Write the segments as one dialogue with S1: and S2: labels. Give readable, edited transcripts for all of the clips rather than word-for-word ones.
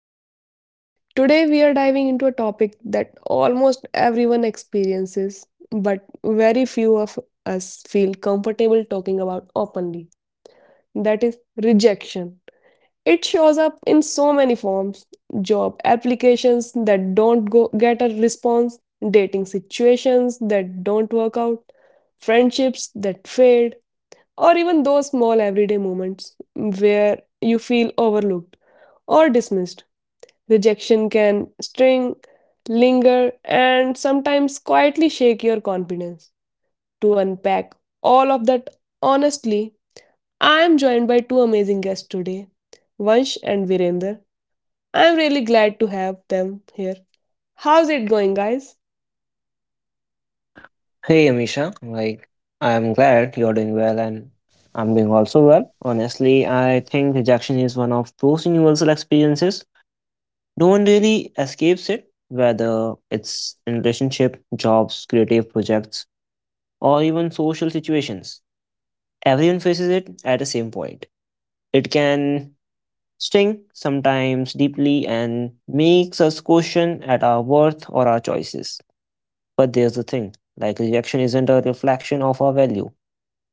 S1: podcast. Today we are diving into a topic that almost everyone experiences, but very few of us feel comfortable talking about openly. That is rejection. It shows up in so many forms: job applications that don't go, get a response, dating situations that don't work out, friendships that failed, or even those small everyday moments where you feel overlooked or dismissed. Rejection can string, linger, and sometimes quietly shake your confidence. To unpack all of that honestly, I am joined by two amazing guests today, Vansh and Virender. I am really glad to have them here. How's it going, guys?
S2: Hey Amisha, like I'm glad you're doing well and I'm doing also well. Honestly, I think rejection is one of those universal experiences. No one really escapes it, whether it's in relationship, jobs, creative projects, or even social situations. Everyone faces it at the same point. It can sting sometimes deeply and makes us question at our worth or our choices. But there's the thing, like rejection isn't a reflection of our value.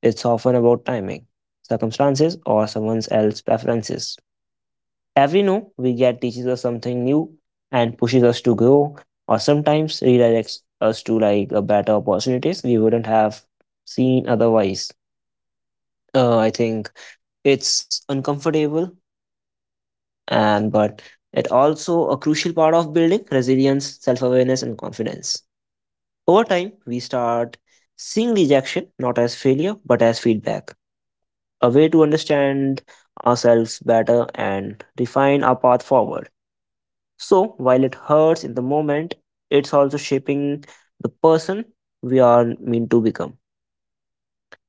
S2: It's often about timing, circumstances, or someone else's preferences. Every no we get teaches us something new and pushes us to grow, or sometimes redirects us to like a better opportunities we wouldn't have seen otherwise. I think it's uncomfortable, and but it also a crucial part of building resilience, self-awareness, and confidence. Over time, we start seeing rejection not as failure but as feedback, a way to understand ourselves better and refine our path forward. So, while it hurts in the moment, it's also shaping the person we are meant to become.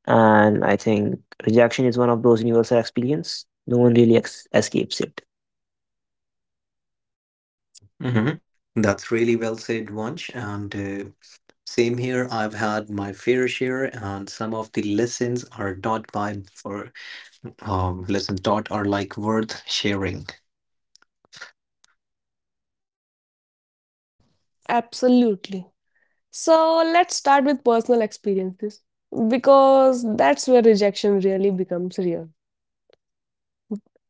S2: And I think rejection is one of those universal experience. No one really ex- escapes it.
S3: Hmm. That's really well said, Vansh. And Same here, I've had my fair share, and some of the lessons are taught by for lessons taught are like worth sharing.
S1: Absolutely. So let's start with personal experiences because that's where rejection really becomes real.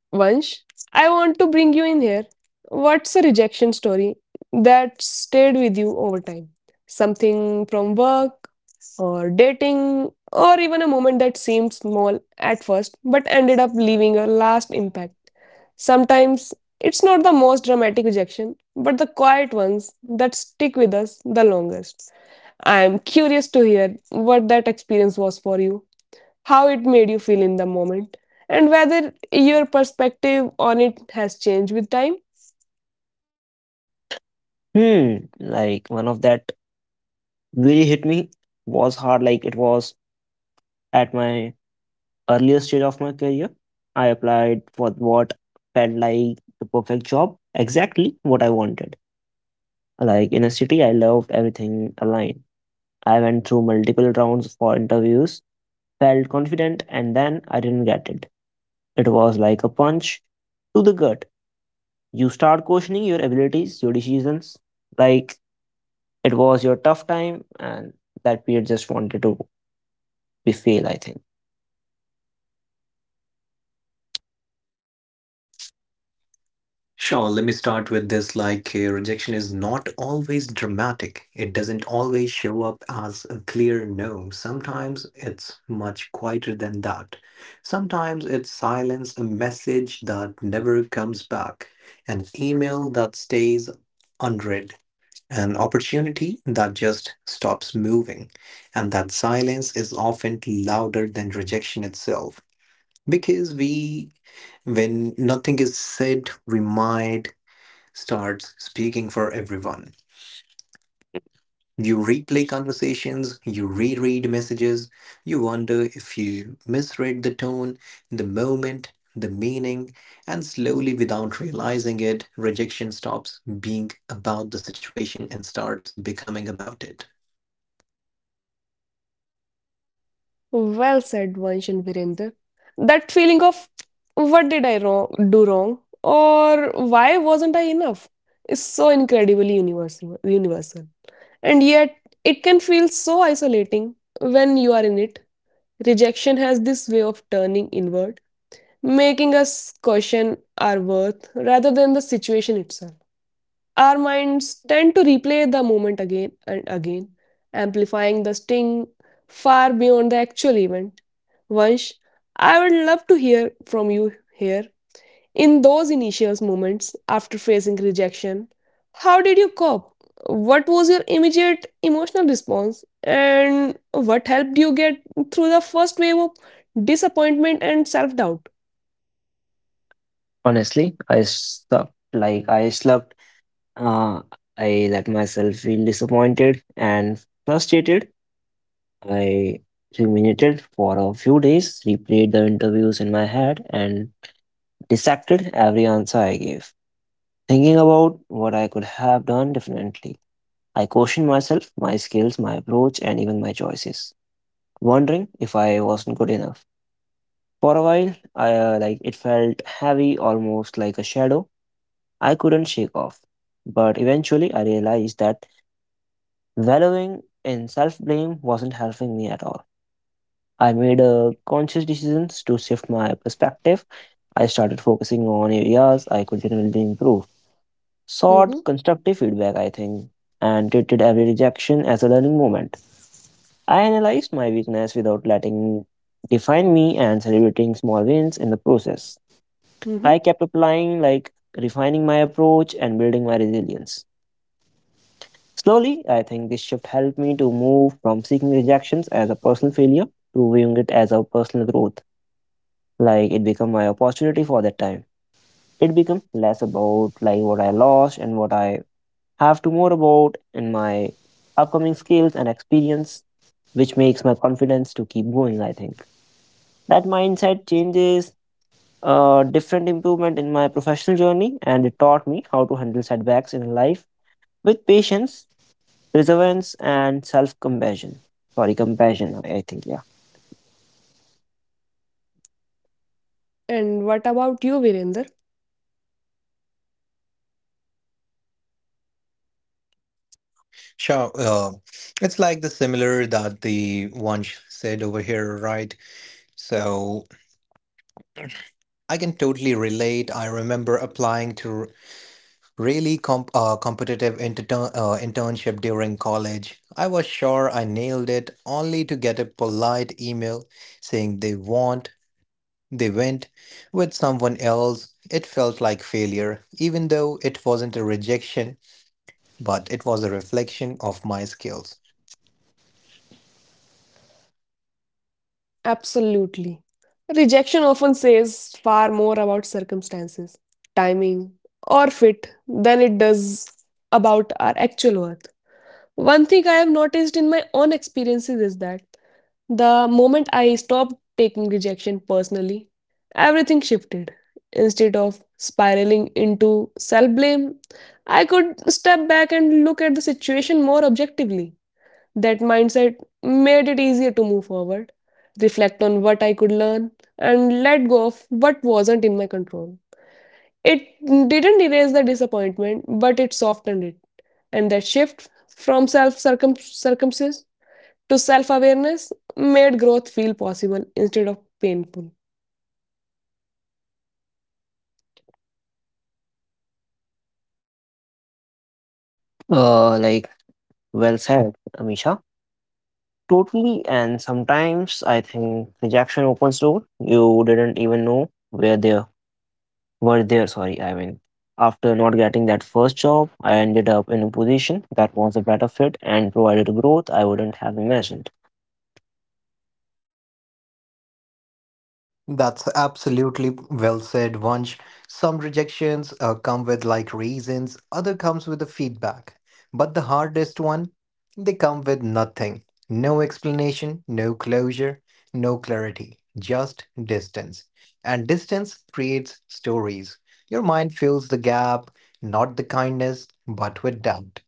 S1: Vansh, I want to bring you in here. What's a rejection story that stayed with you over time? Something from work or dating or even a moment that seemed small at first but ended up leaving a last impact. Sometimes it's not the most dramatic rejection, but the quiet ones that stick with us the longest. I'm curious to hear what that experience was for you, how it made you feel in the moment, and whether your perspective on it has changed with time.
S2: Hmm. Like one of that really hit me was hard. Like it was at my earlier stage of my career. I applied for what felt like the perfect job, exactly what I wanted. Like in a city, I loved everything aligned. I went through multiple rounds for interviews, felt confident, and then I didn't get it. It was like a punch to the gut. You start questioning your abilities, your decisions. Like it was your tough time, and that period just wanted to be fail. I think
S3: Sure, let me start with this. Rejection is not always dramatic. It doesn't always show up as a clear no. Sometimes it's much quieter than that. Sometimes it's silence, a message that never comes back, an email that stays unread, an opportunity that just stops moving. And that silence is often louder than rejection itself. Because when nothing is said, we might start speaking for everyone. You replay conversations, you reread messages, you wonder if you misread the tone, the moment, the meaning, and slowly, without realizing it, rejection stops being about the situation and starts becoming about it.
S1: Well said, Vansh and Virender. That feeling of what did I wrong, do wrong, or why wasn't I enough is so incredibly universal. And yet, it can feel so isolating when you are in it. Rejection has this way of turning inward, making us question our worth rather than the situation itself. Our minds tend to replay the moment again and again, amplifying the sting far beyond the actual event. Vansh, I would love to hear from you here. In those initial moments after facing rejection, how did you cope? What was your immediate emotional response? And what helped you get through the first wave of disappointment and self doubt?
S2: honestly, I sucked. Like I slept. Uh, I let myself feel disappointed and frustrated. I ruminated for a few days, replayed the interviews in my head, and dissected every answer I gave, thinking about what I could have done differently. I questioned myself, my skills, my approach, and even my choices, wondering if I wasn't good enough. For a while, I like it felt heavy, almost like a shadow I couldn't shake off. But eventually, I realized that wallowing in self blame wasn't helping me at all. I made conscious decisions to shift my perspective. I started focusing on areas I could genuinely improve, sought
S1: Mm-hmm.
S2: constructive feedback, I think, and treated every rejection as a learning moment. I analyzed my weakness without letting define me and celebrating small wins in the process.
S1: Mm-hmm.
S2: I kept applying, like refining my approach and building my resilience. Slowly, I think this shift helped me to move from seeking rejections as a personal failure to viewing it as a personal growth. Like it become my opportunity for that time, it become less about like what I lost and what I have to, more about in my upcoming skills and experience, which makes my confidence to keep going. I think that mindset changes a different improvement in my professional journey, and it taught me how to handle setbacks in life with patience, perseverance, and self compassion. Sorry, compassion, I think, yeah.
S1: And what about you, Virender?
S3: Sure. It's like the similar that the one said over here, right? So I can totally relate. I remember applying to really competitive internship during college. I was sure I nailed it, only to get a polite email saying they went with someone else. It felt like failure, even though it wasn't a rejection, but it was a reflection of my skills.
S1: Absolutely. Rejection often says far more about circumstances, timing, or fit than it does about our actual worth. One thing I have noticed in my own experiences is that the moment I stopped taking rejection personally, everything shifted. Instead of spiraling into self blame, I could step back and look at the situation more objectively. That mindset made it easier to move forward, reflect on what I could learn, and let go of what wasn't in my control. It didn't erase the disappointment, but it softened it. And that shift from self circumstances to self awareness made growth feel possible instead of painful.
S2: Like, well said, Amisha. Totally, and sometimes I think rejection opens door you didn't even know were there. Sorry, I mean, after not getting that first job, I ended up in a position that was a better fit and provided growth I wouldn't have imagined.
S3: That's absolutely well said, Vansh. Some rejections come with like reasons, other comes with the feedback. But the hardest one, they come with nothing. No explanation, no closure, no clarity, just distance. And distance creates stories. Your mind fills the gap, not the kindness, but with doubt.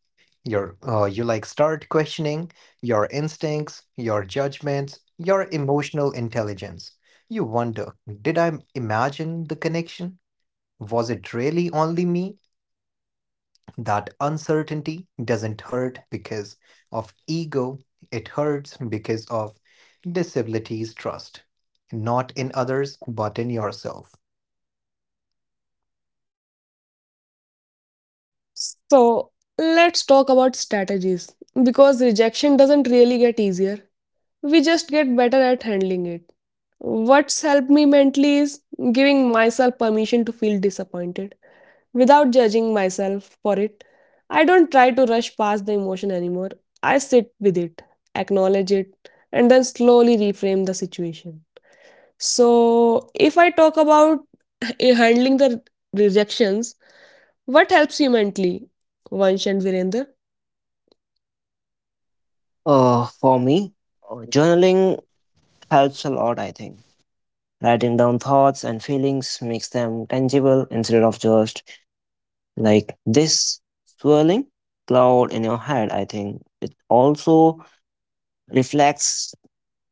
S3: You like start questioning your instincts, your judgments, your emotional intelligence. You wonder, did I imagine the connection? Was it really only me? That uncertainty doesn't hurt because of ego, it hurts because of disabilities trust. Not in others, but in yourself.
S1: So, let's talk about strategies, because rejection doesn't really get easier, we just get better at handling it. What's helped me mentally is giving myself permission to feel disappointed without judging myself for it. I don't try to rush past the emotion anymore. I sit with it, acknowledge it, and then slowly reframe the situation. So, if I talk about handling the rejections, what helps you mentally, Vansh and Virender?
S2: For me, journaling helps a lot. I think writing down thoughts and feelings makes them tangible instead of just like this swirling cloud in your head. I think it also reflects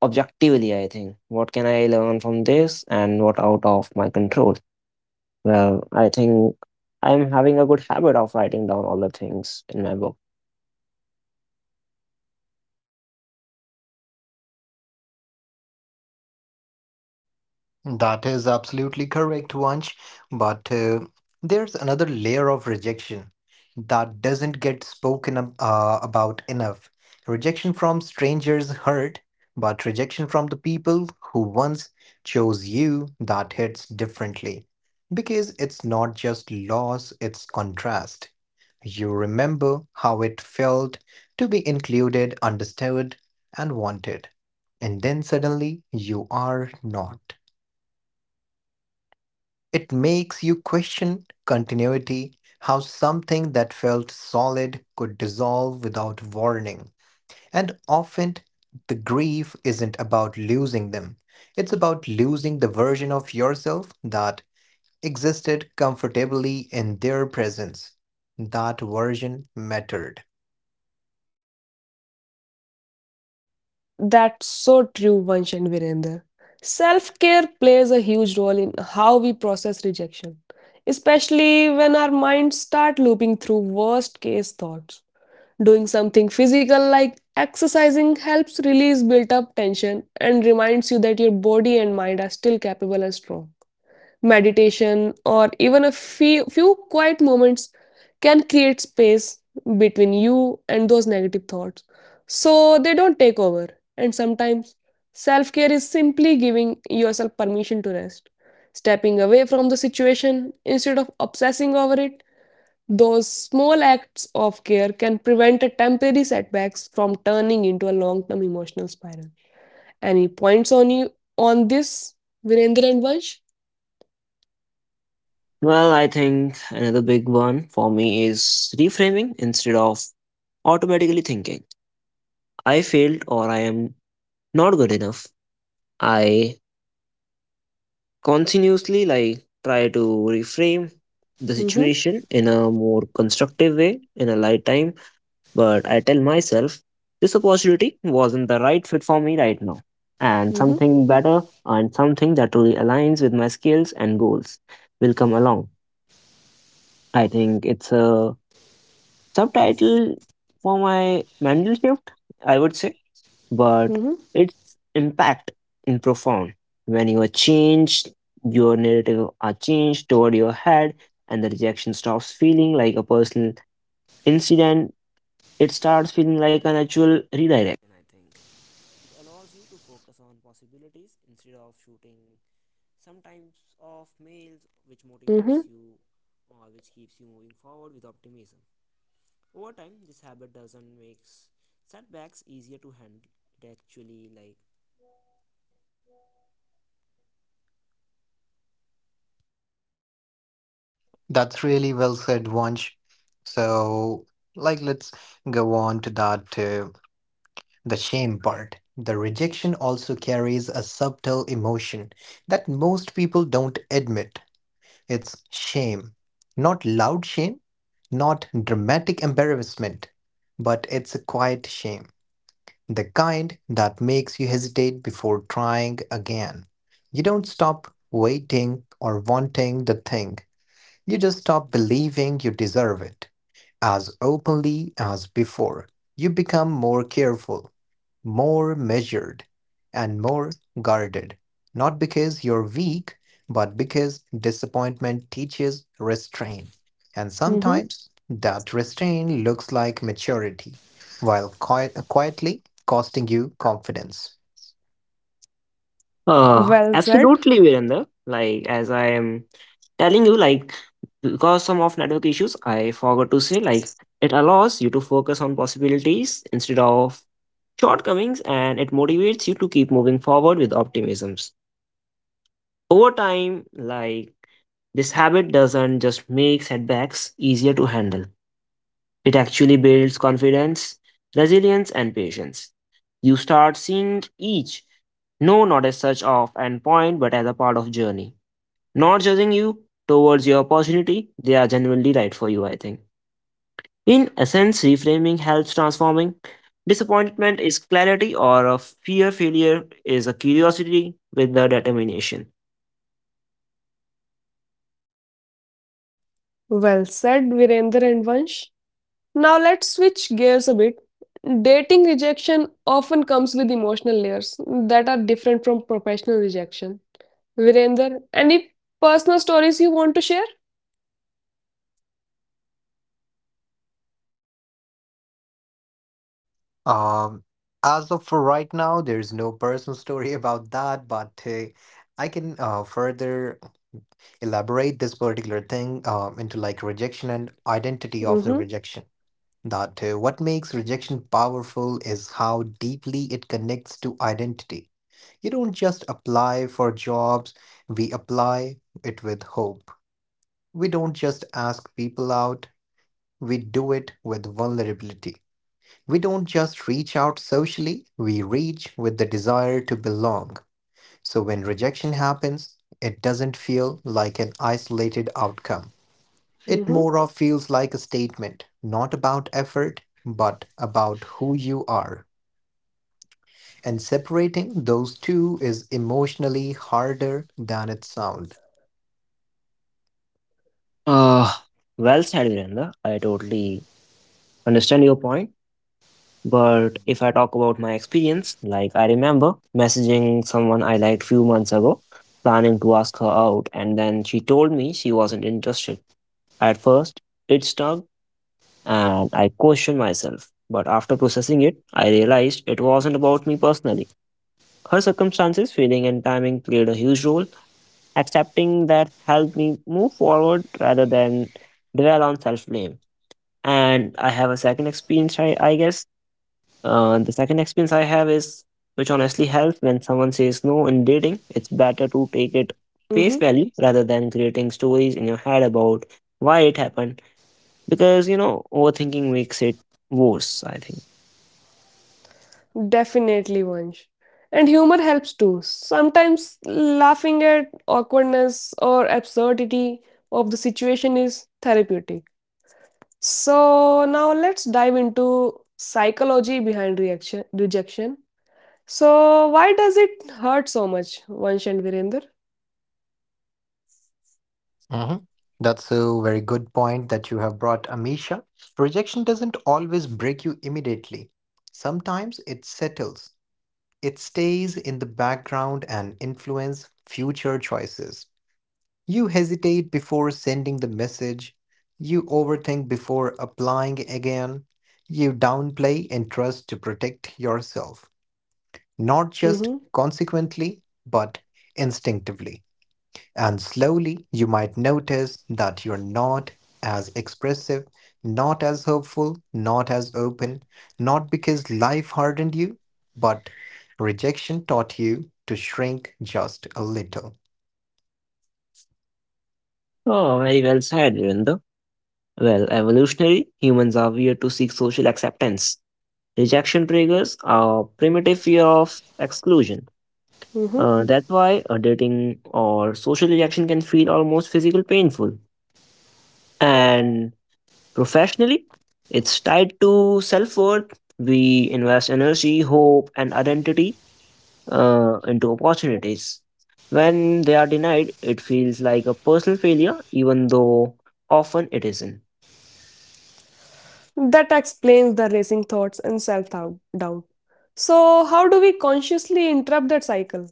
S2: objectively. I think what can I learn from this and what out of my control. Well, I think I'm having a good habit of writing down all the things in my book.
S3: That is absolutely correct, Vansh. But there's another layer of rejection that doesn't get spoken about enough. Rejection from strangers hurt, but rejection from the people who once chose you, that hits differently. Because it's not just loss, it's contrast. You remember how it felt to be included, understood, and wanted. And then suddenly you are not. It makes you question continuity, how something that felt solid could dissolve without warning. And often, the grief isn't about losing them, it's about losing the version of yourself that existed comfortably in their presence. That version mattered.
S1: That's so true, Vansh and Virender. Self care plays a huge role in how we process rejection, especially when our minds start looping through worst case thoughts. Doing something physical like exercising helps release built up tension and reminds you that your body and mind are still capable and strong. Meditation, or even a few quiet moments can create space between you and those negative thoughts so they don't take over. And sometimes self care is simply giving yourself permission to rest, stepping away from the situation instead of obsessing over it. Those small acts of care can prevent a temporary setbacks from turning into a long term emotional spiral. Any points on you on this, Virendra and Vansh?
S2: Well, I think another big one for me is reframing instead of automatically thinking I failed or I am not good enough. I continuously like try to reframe the
S1: Mm-hmm.
S2: situation in a more constructive way in a light time. But I tell myself, this opportunity wasn't the right fit for me right now. And
S1: Mm-hmm.
S2: something better and something that truly aligns with my skills and goals will come along. I think it's a subtitle for my mental shift, I would say, but
S1: Mhm,
S2: its impact is profound. When you are changed, your narrative are changed toward your head, and the rejection stops feeling like a personal incident. It starts feeling like an actual redirection.
S1: mhm,
S3: That's really well said, Vansh. So, like, let's go on to that. The shame part. The rejection also carries a subtle emotion that most people don't admit. It's shame. Not loud shame, not dramatic embarrassment, but it's a quiet shame. The kind that makes you hesitate before trying again. You don't stop waiting or wanting the thing, you just stop believing you deserve it as openly as before. You become more careful, more measured, and more guarded, not because you're weak, but because disappointment teaches restraint. And
S1: mhm.
S3: sometimes that restraint looks like maturity, while quietly costing you confidence.
S1: Well said,
S2: Absolutely, Virender. Like, as I am telling you, like, because some of network issues, I forgot to say, like, it allows you to focus on possibilities instead of shortcomings, and it motivates you to keep moving forward with optimisms. Over time, like, this habit doesn't just make setbacks easier to handle, it actually builds confidence, resilience, and patience. You start seeing each no not as such of end point but as a part of journey, not judging you towards your opportunity they are genuinely right for you. I think in essence reframing helps transforming disappointment is clarity or a fear failure is a curiosity with the determination.
S1: well said, Virender and Vansh. Now let's switch gears a bit. Dating rejection often comes with emotional layers that are different from professional rejection. Virender, any personal stories you want to share?
S3: Um, as of for right now, there's no personal story about that, but I can further elaborate this particular thing into like rejection and identity of the
S1: Mm-hmm,
S3: rejection. That What makes rejection powerful is how deeply it connects to identity. You don't just apply for jobs, we apply it with hope. We don't just ask people out, we do it with vulnerability. We don't just reach out socially, we reach with the desire to belong. So when rejection happens, it doesn't feel like an isolated outcome. It
S1: mm-hmm,
S3: more of feels like a statement, not about effort, but about who you are. And separating those two is emotionally harder than it sounds.
S2: uh well said, Virendra. I totally understand your point. But if I talk about my experience, like I remember messaging someone I liked few months ago, planning to ask her out, and then she told me she wasn't interested. At first, it stung and I questioned myself. But after processing it, I realized it wasn't about me personally. Her circumstances, feeling, and timing played a huge role. Accepting that helped me move forward rather than dwell on self blame. And I have a second experience, I guess the second experience I have is, which honestly helps when someone says no in dating, it's better to take it face
S1: mm-hmm.
S2: value rather than creating stories in your head about why it happened. Because overthinking makes it worse, I think.
S1: Definitely, Vansh. And humor helps too. Sometimes laughing at awkwardness or absurdity of the situation is therapeutic. So now let's dive into psychology behind reaction rejection. So why does it hurt so much, Vansh and Virender?
S3: Mhm. That's a very good point that you have brought, Amisha. Rejection doesn't always break you immediately. Sometimes it settles. It stays in the background and influence future choices. You hesitate before sending the message. You overthink before applying again. You downplay and trust to protect yourself, not just
S1: Mm-hmm,
S3: consequently, but instinctively. And slowly, you might notice that you're not as expressive, not as hopeful, not as open, not because life hardened you, but rejection taught you to shrink just a little.
S2: Oh, very well said, Virendra. Well, evolutionary, humans are weird to seek social acceptance. Rejection triggers a primitive fear of exclusion.
S1: mm-hmm.
S2: That's why a dating or social rejection can feel almost physical painful. And professionally, it's tied to self worth. We invest energy, hope, and identity into opportunities. When they are denied, it feels like a personal failure, even though often it isn't.
S1: That explains the racing thoughts and self-doubt. So how do we consciously interrupt that cycle?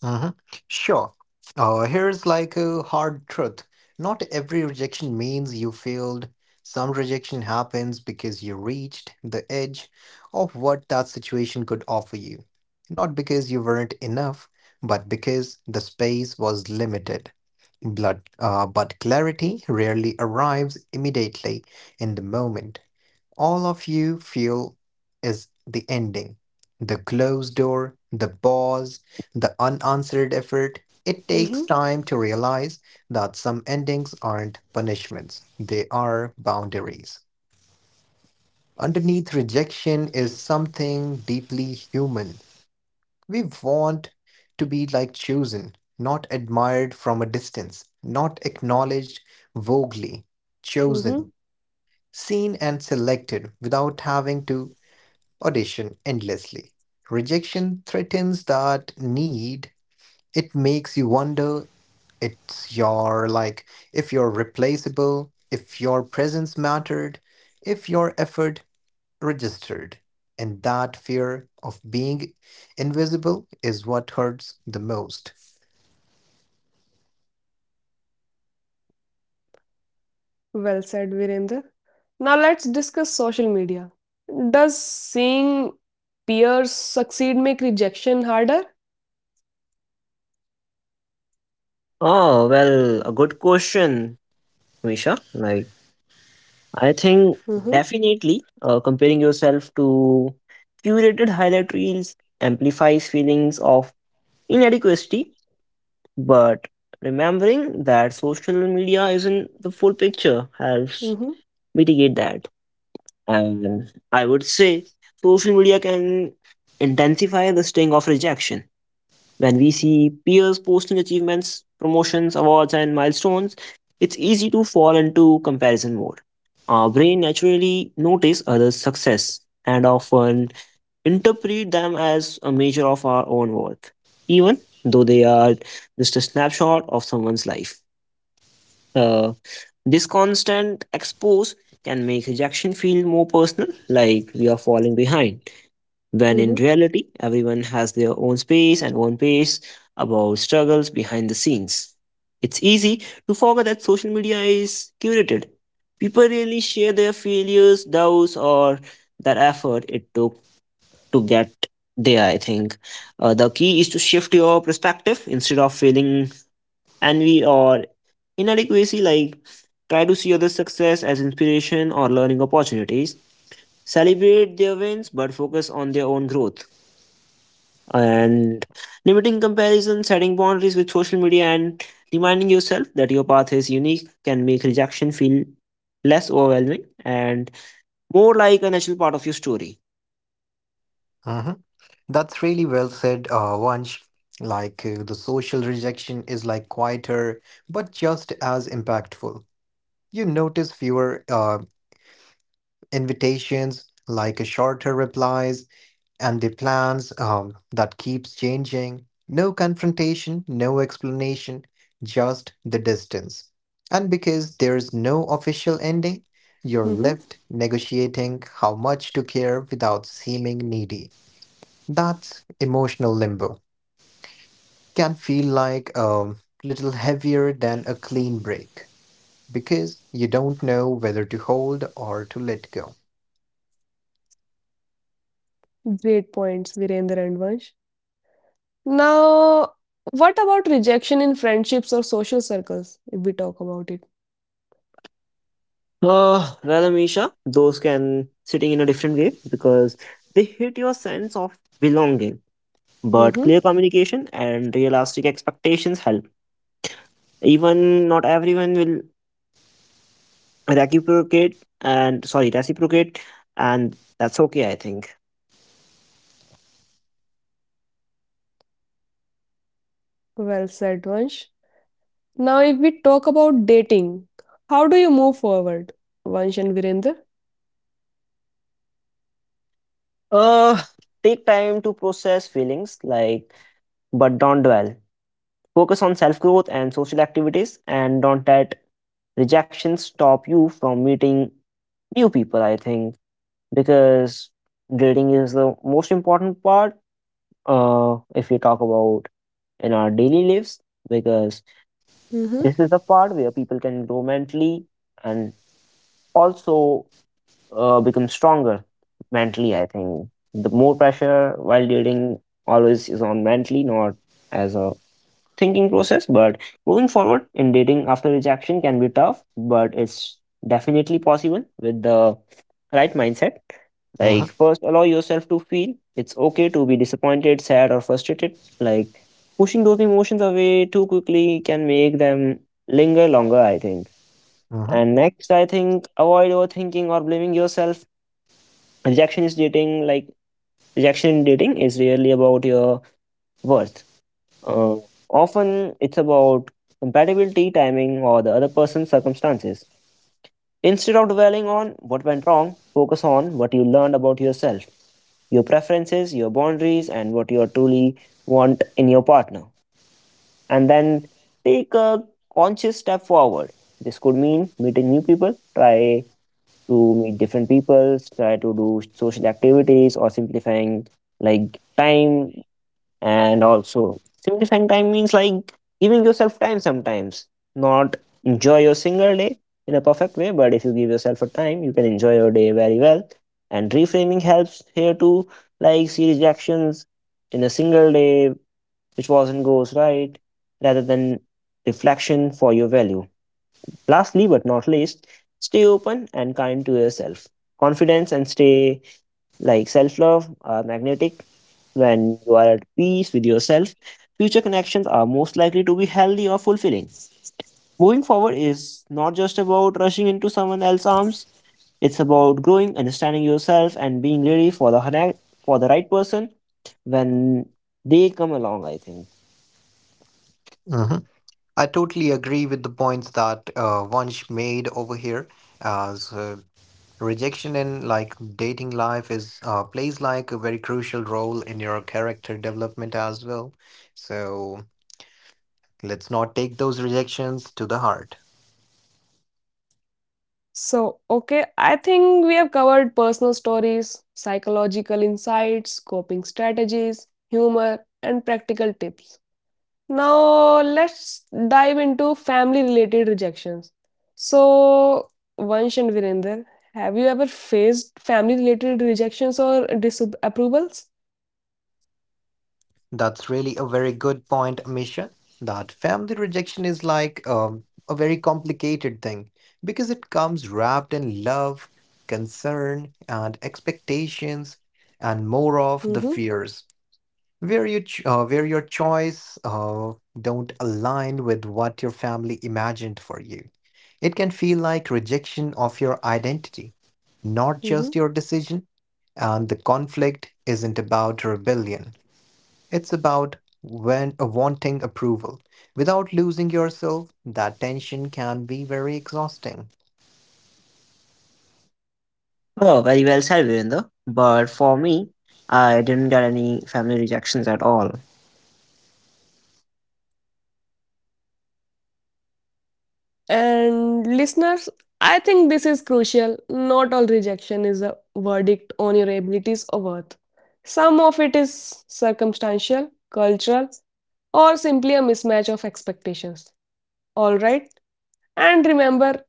S3: Hmm. Sure. Here's like a hard truth. Not every rejection means you failed. Some rejection happens because you reached the edge of what that situation could offer you. Not because you weren't enough, but because the space was limited. But clarity rarely arrives immediately. In the moment all of you feel is the ending. The closed door, the pause, the unanswered effort. It takes
S1: Mm-hmm,
S3: time to realize that some endings aren't punishments, they are boundaries. Underneath rejection is something deeply human. We want to be like chosen, not admired from a distance, not acknowledged vaguely,
S1: mm-hmm.
S3: chosen, seen and selected without having to audition endlessly. Rejection threatens that need. It makes you wonder it's your like If you're replaceable, if your presence mattered, if your effort registered. And that fear of being invisible is what hurts the most.
S1: Well said, Virender. Now let's discuss social media. Does seeing peers succeed make rejection harder?
S2: Oh, well, a good question, Misha. Like, I think
S1: Mm-hmm,
S2: definitely comparing yourself to curated highlight reels amplifies feelings of inadequacy. But remembering that social media isn't the full picture helps
S1: mm-hmm,
S2: mitigate that. And I would say social media can intensify the sting of rejection. When we see peers posting achievements, promotions, awards, and milestones, it's easy to fall into comparison mode. Our brain naturally notice others' success and often interpret them as a measure of our own worth, even though they are just a snapshot of someone's life. Uh, this constant expose can make rejection feel more personal, like we are falling behind, when in
S1: mm-hmm,
S2: reality, everyone has their own space and own pace about struggles behind the scenes. It's easy to forget that social media is curated. People really share their failures, doubts, or that effort it took to get there. I think the key is to shift your perspective. Instead of feeling envy or inadequacy, like try to see other success as inspiration or learning opportunities, celebrate their wins but focus on their own growth. And limiting comparison, setting boundaries with social media and reminding yourself that your path is unique can make rejection feel less overwhelming and more like a natural part of your story.
S3: Mhm. That's really well said, Vansh. The social rejection is like quieter, but just as impactful. You notice fewer. Invitations, like a shorter replies, and the plans that keeps changing. No confrontation, no explanation, just the distance. And because there's no official ending, you're
S1: mm-hmm.
S3: left negotiating how much to care without seeming needy. That emotional limbo can feel like a little heavier than a clean break because you don't know whether to hold or to let go.
S1: Great points, Virender and Vansh. Now, what about rejection in friendships or social circles, if we talk about it?
S2: Well, Amisha, those can sitting in a different way because they hit your sense of belonging. But
S1: Mm-hmm.
S2: clear communication and realistic expectations help. Even not everyone will reciprocate, and sorry, reciprocate, and that's okay, I think.
S1: Well said, Vansh. Now, if we talk about dating, how do you move forward, Vansh and Virender?
S2: Uh, Take time to process feelings, like but don't dwell. Focus on self growth and social activities, and don't let rejection stop you from meeting new people. I think because dating is the most important part, if we talk about in our daily lives, because
S1: Mhm.
S2: this is the part where people can grow mentally and also become stronger mentally. I think the more pressure while dating always is on mentally, not as a thinking process. But moving forward in dating after rejection can be tough, but it's definitely possible with the right mindset.
S3: Uh-huh,
S2: Like, first, allow yourself to feel it's okay to be disappointed, sad, or frustrated. Like, pushing those emotions away too quickly can make them linger longer, I think.
S3: uh-huh,
S2: And next, I think avoid overthinking or blaming yourself. Rejection is dating, like, Rejection in dating is really about your worth. uh, Often it's about compatibility, timing, or the other person's circumstances. Instead of dwelling on what went wrong, focus on what you learned about yourself, your preferences, your boundaries, and what you truly want in your partner. And then take a conscious step forward. This could mean meeting new people, try to meet different people, try to do social activities, or simplifying like time, and also simplifying time means like giving yourself time sometimes, not enjoy your single day in a perfect way, but if you give yourself a time you can enjoy your day very well. And reframing helps here too, like see rejections in a single day which wasn't goes right rather than reflection for your value. Lastly, but not least, stay open and kind to yourself. Confidence and stay like self love are magnetic. When you are at peace with yourself, future connections are most likely to be healthy or fulfilling. Moving forward is not just about rushing into someone else's arms, it's about growing, understanding yourself, and being ready for for the right person when they come along, I think.
S3: uh-huh. I totally agree with the points that Vansh made over here. As uh, so, Rejection in like dating life is plays like a very crucial role in your character development as well. So let's not take those rejections to the heart.
S1: So, okay, I think we have covered personal stories, psychological insights, coping strategies, humor, and practical tips. Now, let's dive into family related rejections. So, Vansh and Virender, have you ever faced family related rejections or disapprovals?
S3: That's really a very good point, Amisha. That family rejection is like a very complicated thing because it comes wrapped in love, concern, and expectations, and more of the
S1: Mm-hmm,
S3: fears. Where you where your choice don't align with what your family imagined for you. It can feel like rejection of your identity, not just
S1: mm-hmm.
S3: your decision. And the conflict isn't about rebellion. It's about when wanting approval without losing yourself. That tension can be very exhausting.
S2: Oh, very well said, Virender. But for me, I didn't get any family rejections at all.
S1: And listeners, I think this is crucial. Not all rejection is a verdict on your abilities or worth. Some of it is circumstantial, cultural, or simply a mismatch of expectations. Alright? And remember,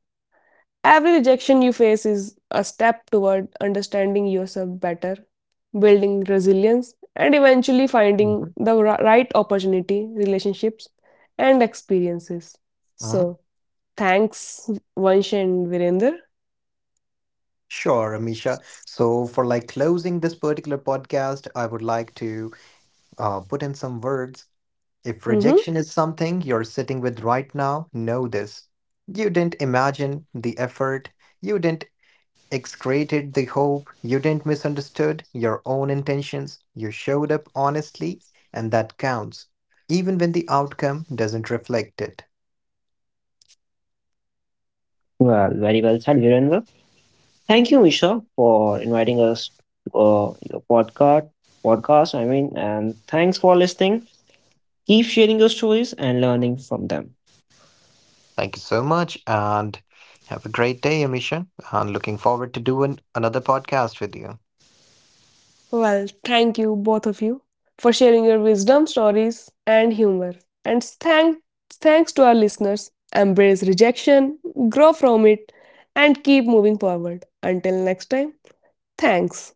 S1: every rejection you face is a step toward understanding yourself better, building resilience, and eventually finding
S3: Mhm,
S1: the right opportunity, relationships, and experiences.
S3: mhm.
S1: So, thanks, Vansh and Virender.
S3: Sure, Amisha. So, for like closing this particular podcast, I would like to put in some words. If
S1: Hmm.
S3: rejection is something you're sitting with right now, know this. You didn't imagine the effort, you didn't excreted the hope, you didn't misunderstood your own intentions, you showed up honestly, and that counts, even when the outcome doesn't reflect it.
S2: Well, very well said, Virender. Thank you, Misha, for inviting us to your podcast. Podcast, I mean, and thanks for listening. Keep sharing your stories and learning from them.
S3: Thank you so much and have a great day, Amisha. And looking forward to doing another podcast with you.
S1: Well, thank you, both of you, for sharing your wisdom, stories, and humor. And thanks to our listeners. Embrace rejection, grow from it, and keep moving forward. Until next time, thanks.